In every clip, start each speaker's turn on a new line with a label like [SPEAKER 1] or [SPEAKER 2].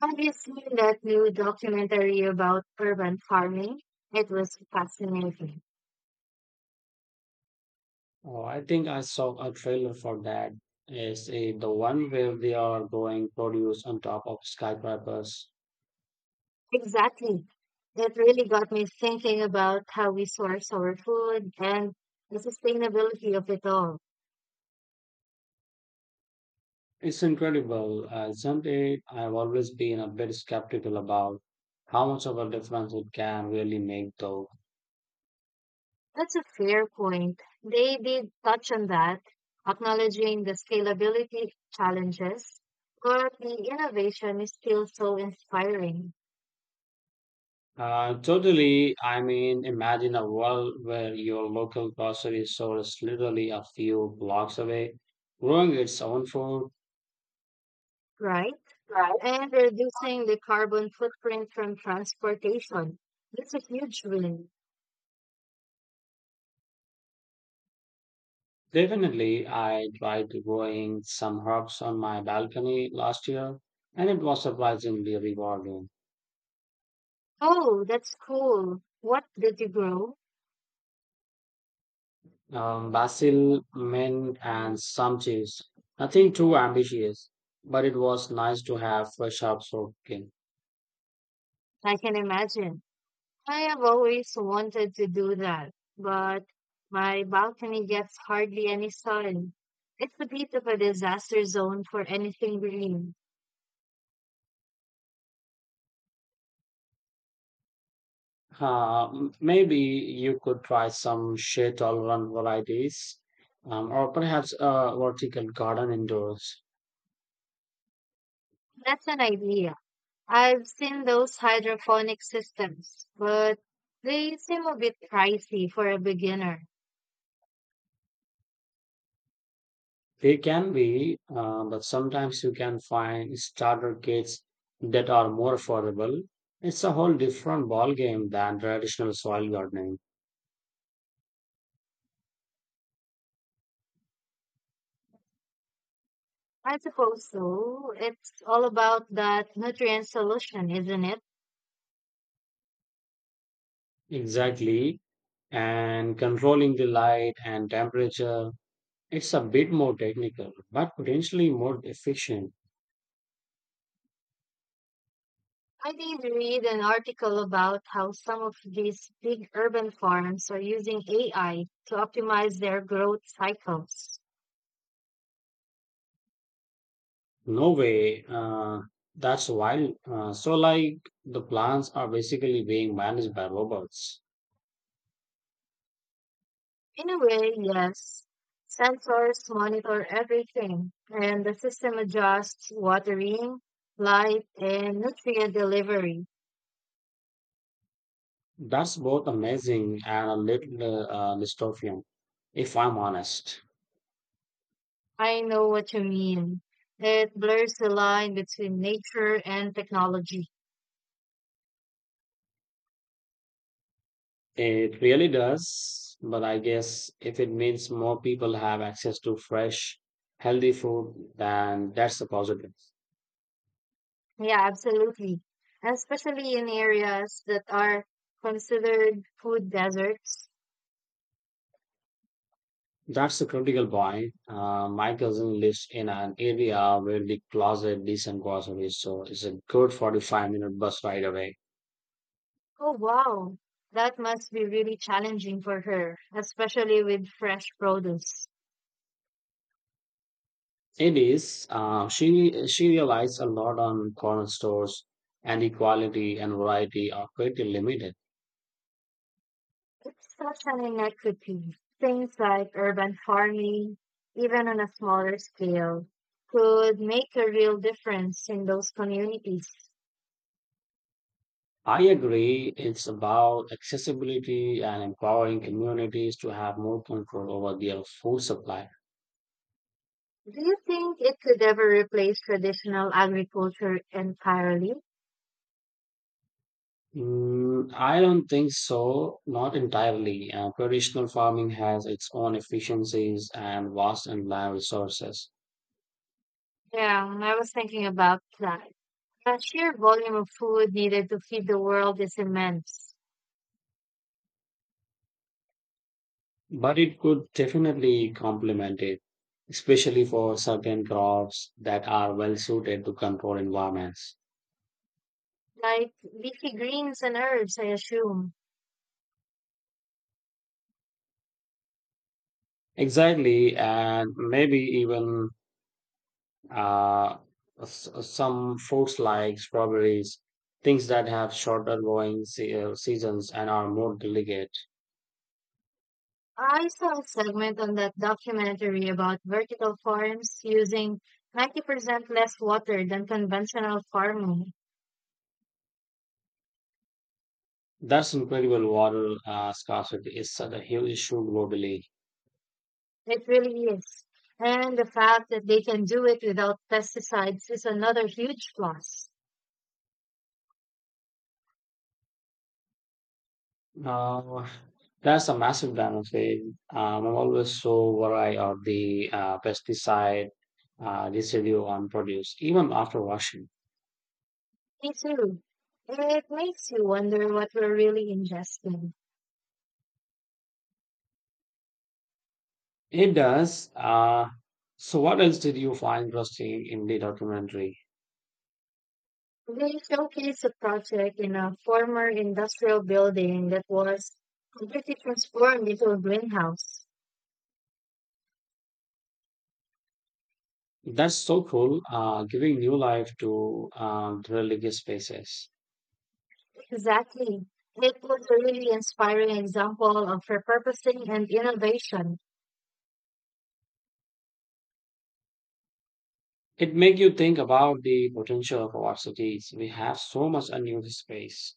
[SPEAKER 1] Have you seen that new documentary about urban farming? It was fascinating.
[SPEAKER 2] Oh, I think I saw a trailer for that. Is it the one where they are growing produce on top of skyscrapers?
[SPEAKER 1] Exactly. It really got me thinking about how we source our food and the sustainability of it all.
[SPEAKER 2] It's incredible, isn't it? I've always been a bit skeptical about how much of a difference it can really make, though.
[SPEAKER 1] That's a fair point. They did touch on that, acknowledging the scalability challenges, but the innovation is still so inspiring,
[SPEAKER 2] Totally. I mean, imagine a world where your local grocery store is literally a few blocks away, growing its own food.
[SPEAKER 1] right? And reducing the carbon footprint from transportation. That's a huge win.
[SPEAKER 2] Definitely, I tried growing some herbs on my balcony last year, and it was surprisingly rewarding.
[SPEAKER 1] Oh, that's cool. What did you grow?
[SPEAKER 2] Basil, mint, and some cheese. Nothing too ambitious, but it was nice to have fresh herbs working.
[SPEAKER 1] I can imagine. I have always wanted to do that, but my balcony gets hardly any sun. It's a bit of a disaster zone for anything green.
[SPEAKER 2] Maybe you could try some shade tolerant varieties, or perhaps a vertical garden indoors.
[SPEAKER 1] That's an idea. I've seen those hydroponic systems, but they seem a bit pricey for a beginner.
[SPEAKER 2] They can be, but sometimes you can find starter kits that are more affordable. It's a whole different ballgame than traditional soil gardening.
[SPEAKER 1] I suppose so. It's all about that nutrient solution, isn't it?
[SPEAKER 2] Exactly. And controlling the light and temperature, it's a bit more technical, but potentially more efficient.
[SPEAKER 1] I did read an article about how some of these big urban farms are using AI to optimize their growth cycles.
[SPEAKER 2] No way. That's wild. So, like, the plants are basically being managed by robots.
[SPEAKER 1] In a way, yes. Sensors monitor everything, and the system adjusts watering, light, and nutrient delivery.
[SPEAKER 2] That's both amazing and a little dystopian, if I'm honest.
[SPEAKER 1] I know what you mean. It blurs the line between nature and technology.
[SPEAKER 2] It really does, but I guess if it means more people have access to fresh, healthy food, then that's a positive.
[SPEAKER 1] Yeah, absolutely. Especially in areas that are considered food deserts.
[SPEAKER 2] That's a critical point. My cousin lives in an area where the closet decent groceries, so it's a good 45-minute minute bus ride away.
[SPEAKER 1] Oh, wow. That must be really challenging for her, especially with fresh produce.
[SPEAKER 2] It is. She relies a lot on corner stores, and the quality and variety are pretty limited.
[SPEAKER 1] It's such an inequity. Things like urban farming, even on a smaller scale, could make a real difference in those communities.
[SPEAKER 2] I agree. It's about accessibility and empowering communities to have more control over their food supply.
[SPEAKER 1] Do you think it could ever replace traditional agriculture entirely?
[SPEAKER 2] Mm, I don't think so, not entirely. Traditional farming has its own efficiencies and vast and land resources,
[SPEAKER 1] Yeah, I was thinking about that. The sheer volume of food needed to feed the world is immense.
[SPEAKER 2] but it could definitely complement it, especially for certain crops that are well suited to control environments.
[SPEAKER 1] Like leafy greens and herbs, I assume.
[SPEAKER 2] Exactly, and maybe even Uh, some fruits like strawberries, things that have shorter growing seasons and are more delicate.
[SPEAKER 1] I saw a segment on that documentary about vertical farms using 90% less water than conventional farming.
[SPEAKER 2] That's incredible. Water scarcity is such a huge issue globally.
[SPEAKER 1] It really is. And the fact that they can do it without pesticides is another huge plus.
[SPEAKER 2] Uh, that's a massive benefit. I'm always so worried of the pesticide residue on produce, even after washing.
[SPEAKER 1] Me too. It makes you wonder what we're really ingesting.
[SPEAKER 2] It does. So, what else did you find interesting in the documentary?
[SPEAKER 1] They showcased a project in a former industrial building that was completely transformed into a greenhouse.
[SPEAKER 2] That's so cool, giving new life to the religious spaces.
[SPEAKER 1] Exactly. It was a really inspiring example of repurposing and innovation.
[SPEAKER 2] It makes you think about the potential of our cities. We have so much unused space.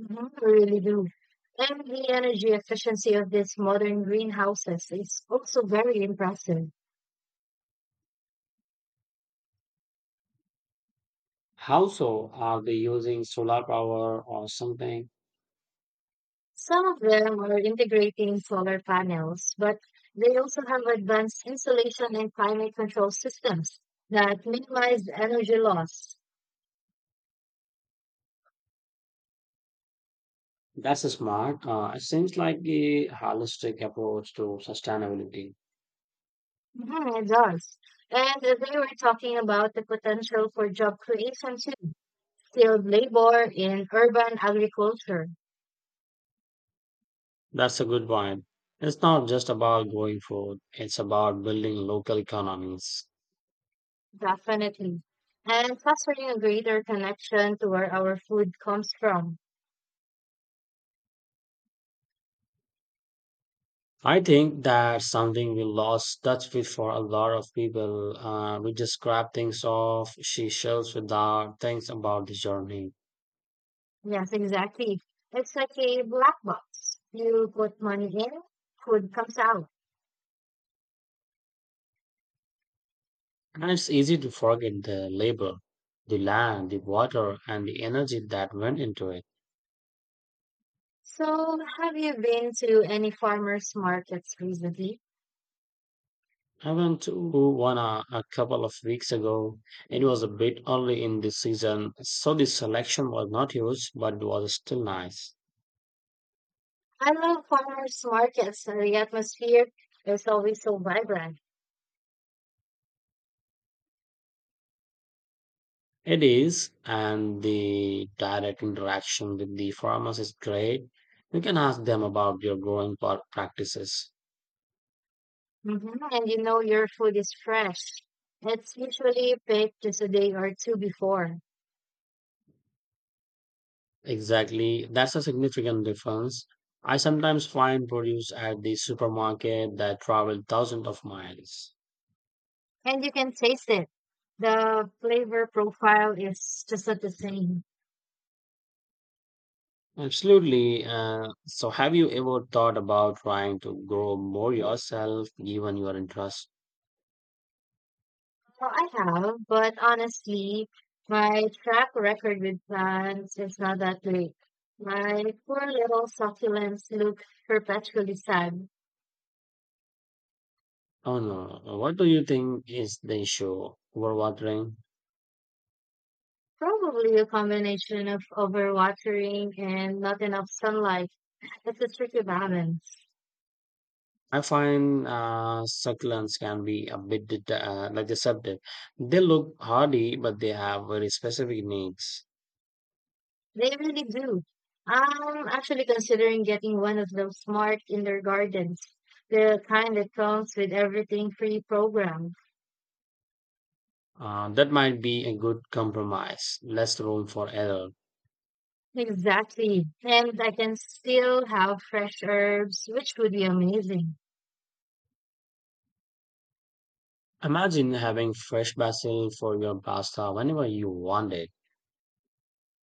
[SPEAKER 1] Mhm, I really do. And the energy efficiency of these modern greenhouses is also very impressive.
[SPEAKER 2] How so? Are they using solar power or something?
[SPEAKER 1] Some of them are integrating solar panels, but they also have advanced insulation and climate control systems that minimize energy loss.
[SPEAKER 2] That's smart. It seems like the holistic approach to sustainability.
[SPEAKER 1] Mhm, it does. And they were talking about the potential for job creation too. Skilled labor in urban agriculture,
[SPEAKER 2] That's a good point. It's not just about growing food, it's about building local economies.
[SPEAKER 1] definitely. And fostering a greater connection to where our food comes from.
[SPEAKER 2] I think that's something we lost touch with for a lot of people. We just grab things off she shelves without things about the journey.
[SPEAKER 1] Yes, exactly. It's like a black box. You put money in, food comes out.
[SPEAKER 2] And it's easy to forget the labor, the land, the water, and the energy that went into it.
[SPEAKER 1] So, have you been to any farmers markets recently?
[SPEAKER 2] I went to one a couple of weeks ago. It was a bit early in the season, so the selection was not huge, but it was still nice.
[SPEAKER 1] I love farmers markets. The atmosphere is always so vibrant.
[SPEAKER 2] It is, and the direct interaction with the farmers is great. You can ask them about your growing practices.
[SPEAKER 1] Hmm. And you know your food is fresh. It's usually picked just a day or two before.
[SPEAKER 2] Exactly, that's a significant difference. I sometimes find produce at the supermarket that travel thousands of miles.
[SPEAKER 1] And you can taste it. The flavor profile is just not the same.
[SPEAKER 2] Absolutely. So, have you ever thought about trying to grow more yourself, given your interest?
[SPEAKER 1] Well, I have, but honestly, my track record with plants is not that great. My poor little succulents look perpetually sad.
[SPEAKER 2] Oh no. What do you think is the issue? Overwatering?
[SPEAKER 1] Probably a combination of overwatering and not enough sunlight. It's a tricky balance.
[SPEAKER 2] I find succulents can be a bit like deceptive. They look hardy, but they have very specific needs.
[SPEAKER 1] They really do. I'm actually considering getting one of those smart indoor gardens, the kind that comes with everything pre-programmed.
[SPEAKER 2] That might be a good compromise, less room for error.
[SPEAKER 1] Exactly. And I can still have fresh herbs, which would be amazing.
[SPEAKER 2] Imagine having fresh basil for your pasta whenever you want it.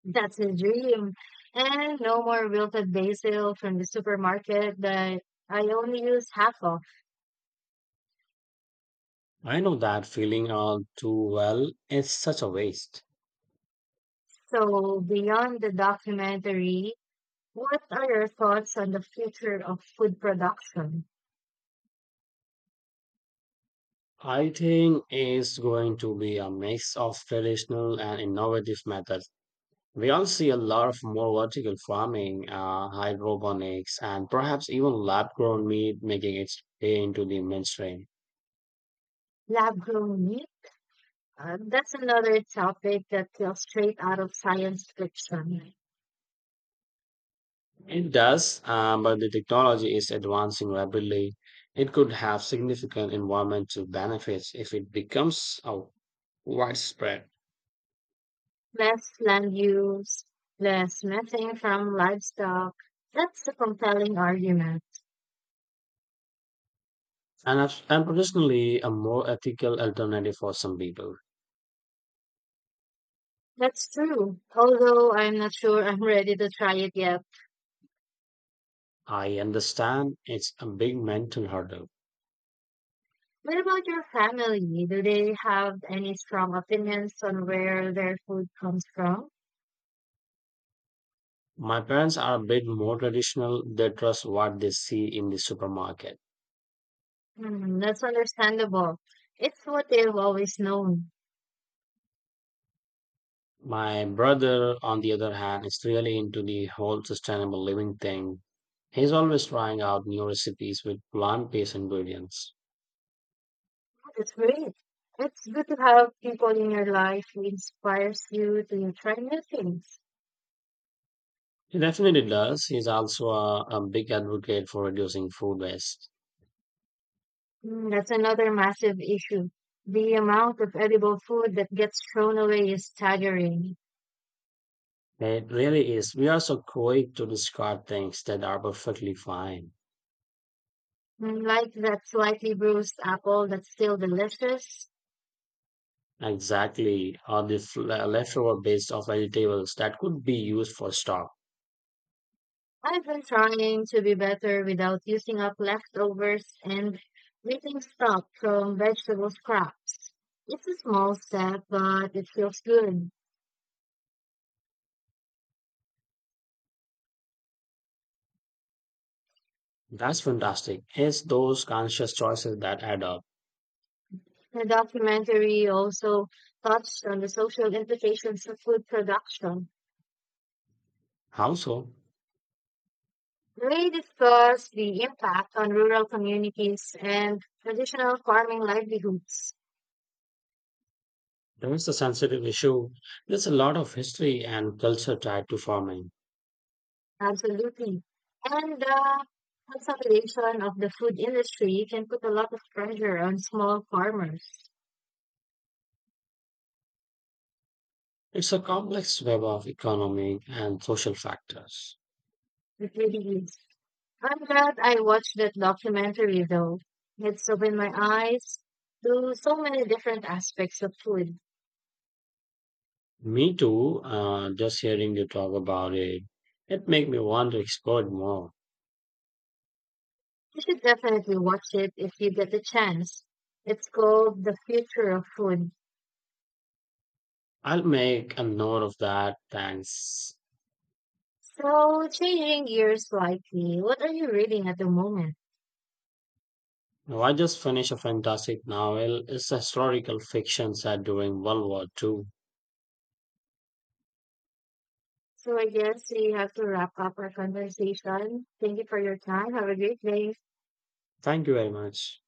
[SPEAKER 1] That's a dream. And no more wilted basil from the supermarket that I only use half of.
[SPEAKER 2] I know that feeling all too well. It's such a waste.
[SPEAKER 1] So beyond the documentary, what are your thoughts on the future of food production?
[SPEAKER 2] I think it's going to be a mix of traditional and innovative methods. We all see a lot of more vertical farming, hydroponics, and perhaps even lab grown meat making its way into the mainstream.
[SPEAKER 1] Lab grown meat? That's another topic that feels straight out of science fiction.
[SPEAKER 2] It does, but the technology is advancing rapidly. It could have significant environmental benefits if it becomes widespread
[SPEAKER 1] Less land use, less methane from livestock. That's a compelling argument.
[SPEAKER 2] and, and potentially a more ethical alternative for some people.
[SPEAKER 1] That's true, although I'm not sure I'm ready to try it yet.
[SPEAKER 2] I understand it's a big mental hurdle.
[SPEAKER 1] What about your family? Do they have any strong opinions on where their food comes from?
[SPEAKER 2] My parents are a bit more traditional, they trust what they see in the supermarket.
[SPEAKER 1] Hmm, that's understandable. It's what they've always known.
[SPEAKER 2] My brother, on the other hand, is really into the whole sustainable living thing. He's always trying out new recipes with plant based ingredients.
[SPEAKER 1] That's great. It's good to have people in your life who inspires you to try new things.
[SPEAKER 2] He definitely does. He's also a big advocate for reducing food waste.
[SPEAKER 1] Mm, that's another massive issue. The amount of edible food that gets thrown away is staggering.
[SPEAKER 2] It really is. We are so quick to discard things that are perfectly fine.
[SPEAKER 1] Mm, like that slightly bruised apple that's still delicious.
[SPEAKER 2] Exactly, or the leftover base of vegetables that could be used for stock.
[SPEAKER 1] I've been trying to be better without using up leftovers and making stock from vegetable scraps. It's a small step, but it feels good.
[SPEAKER 2] That's fantastic. It's those conscious choices that add up.
[SPEAKER 1] The documentary also touched on the social implications of food production.
[SPEAKER 2] How so?
[SPEAKER 1] They discussed the impact on rural communities and traditional farming livelihoods.
[SPEAKER 2] There is a sensitive issue. There's a lot of history and culture tied to farming.
[SPEAKER 1] Absolutely. And the consolidation of the food industry can put a lot of pressure on small farmers.
[SPEAKER 2] It's a complex web of economic and social factors.
[SPEAKER 1] It really is. I'm glad I watched that documentary though. It's opened my eyes to so many different aspects of food.
[SPEAKER 2] Me too. Just hearing you talk about it, it make me want to explore it more.
[SPEAKER 1] You should definitely watch it if you get the chance. It's called The Future of Food.
[SPEAKER 2] I'll make a note of that. Thanks.
[SPEAKER 1] So, changing gears slightly, what are you reading at the moment?
[SPEAKER 2] Now, I just finished a fantastic novel. It's a historical fiction set during World War Two.
[SPEAKER 1] So, I guess we have to wrap up our conversation. Thank you for your time. Have a great day.
[SPEAKER 2] Thank you very much.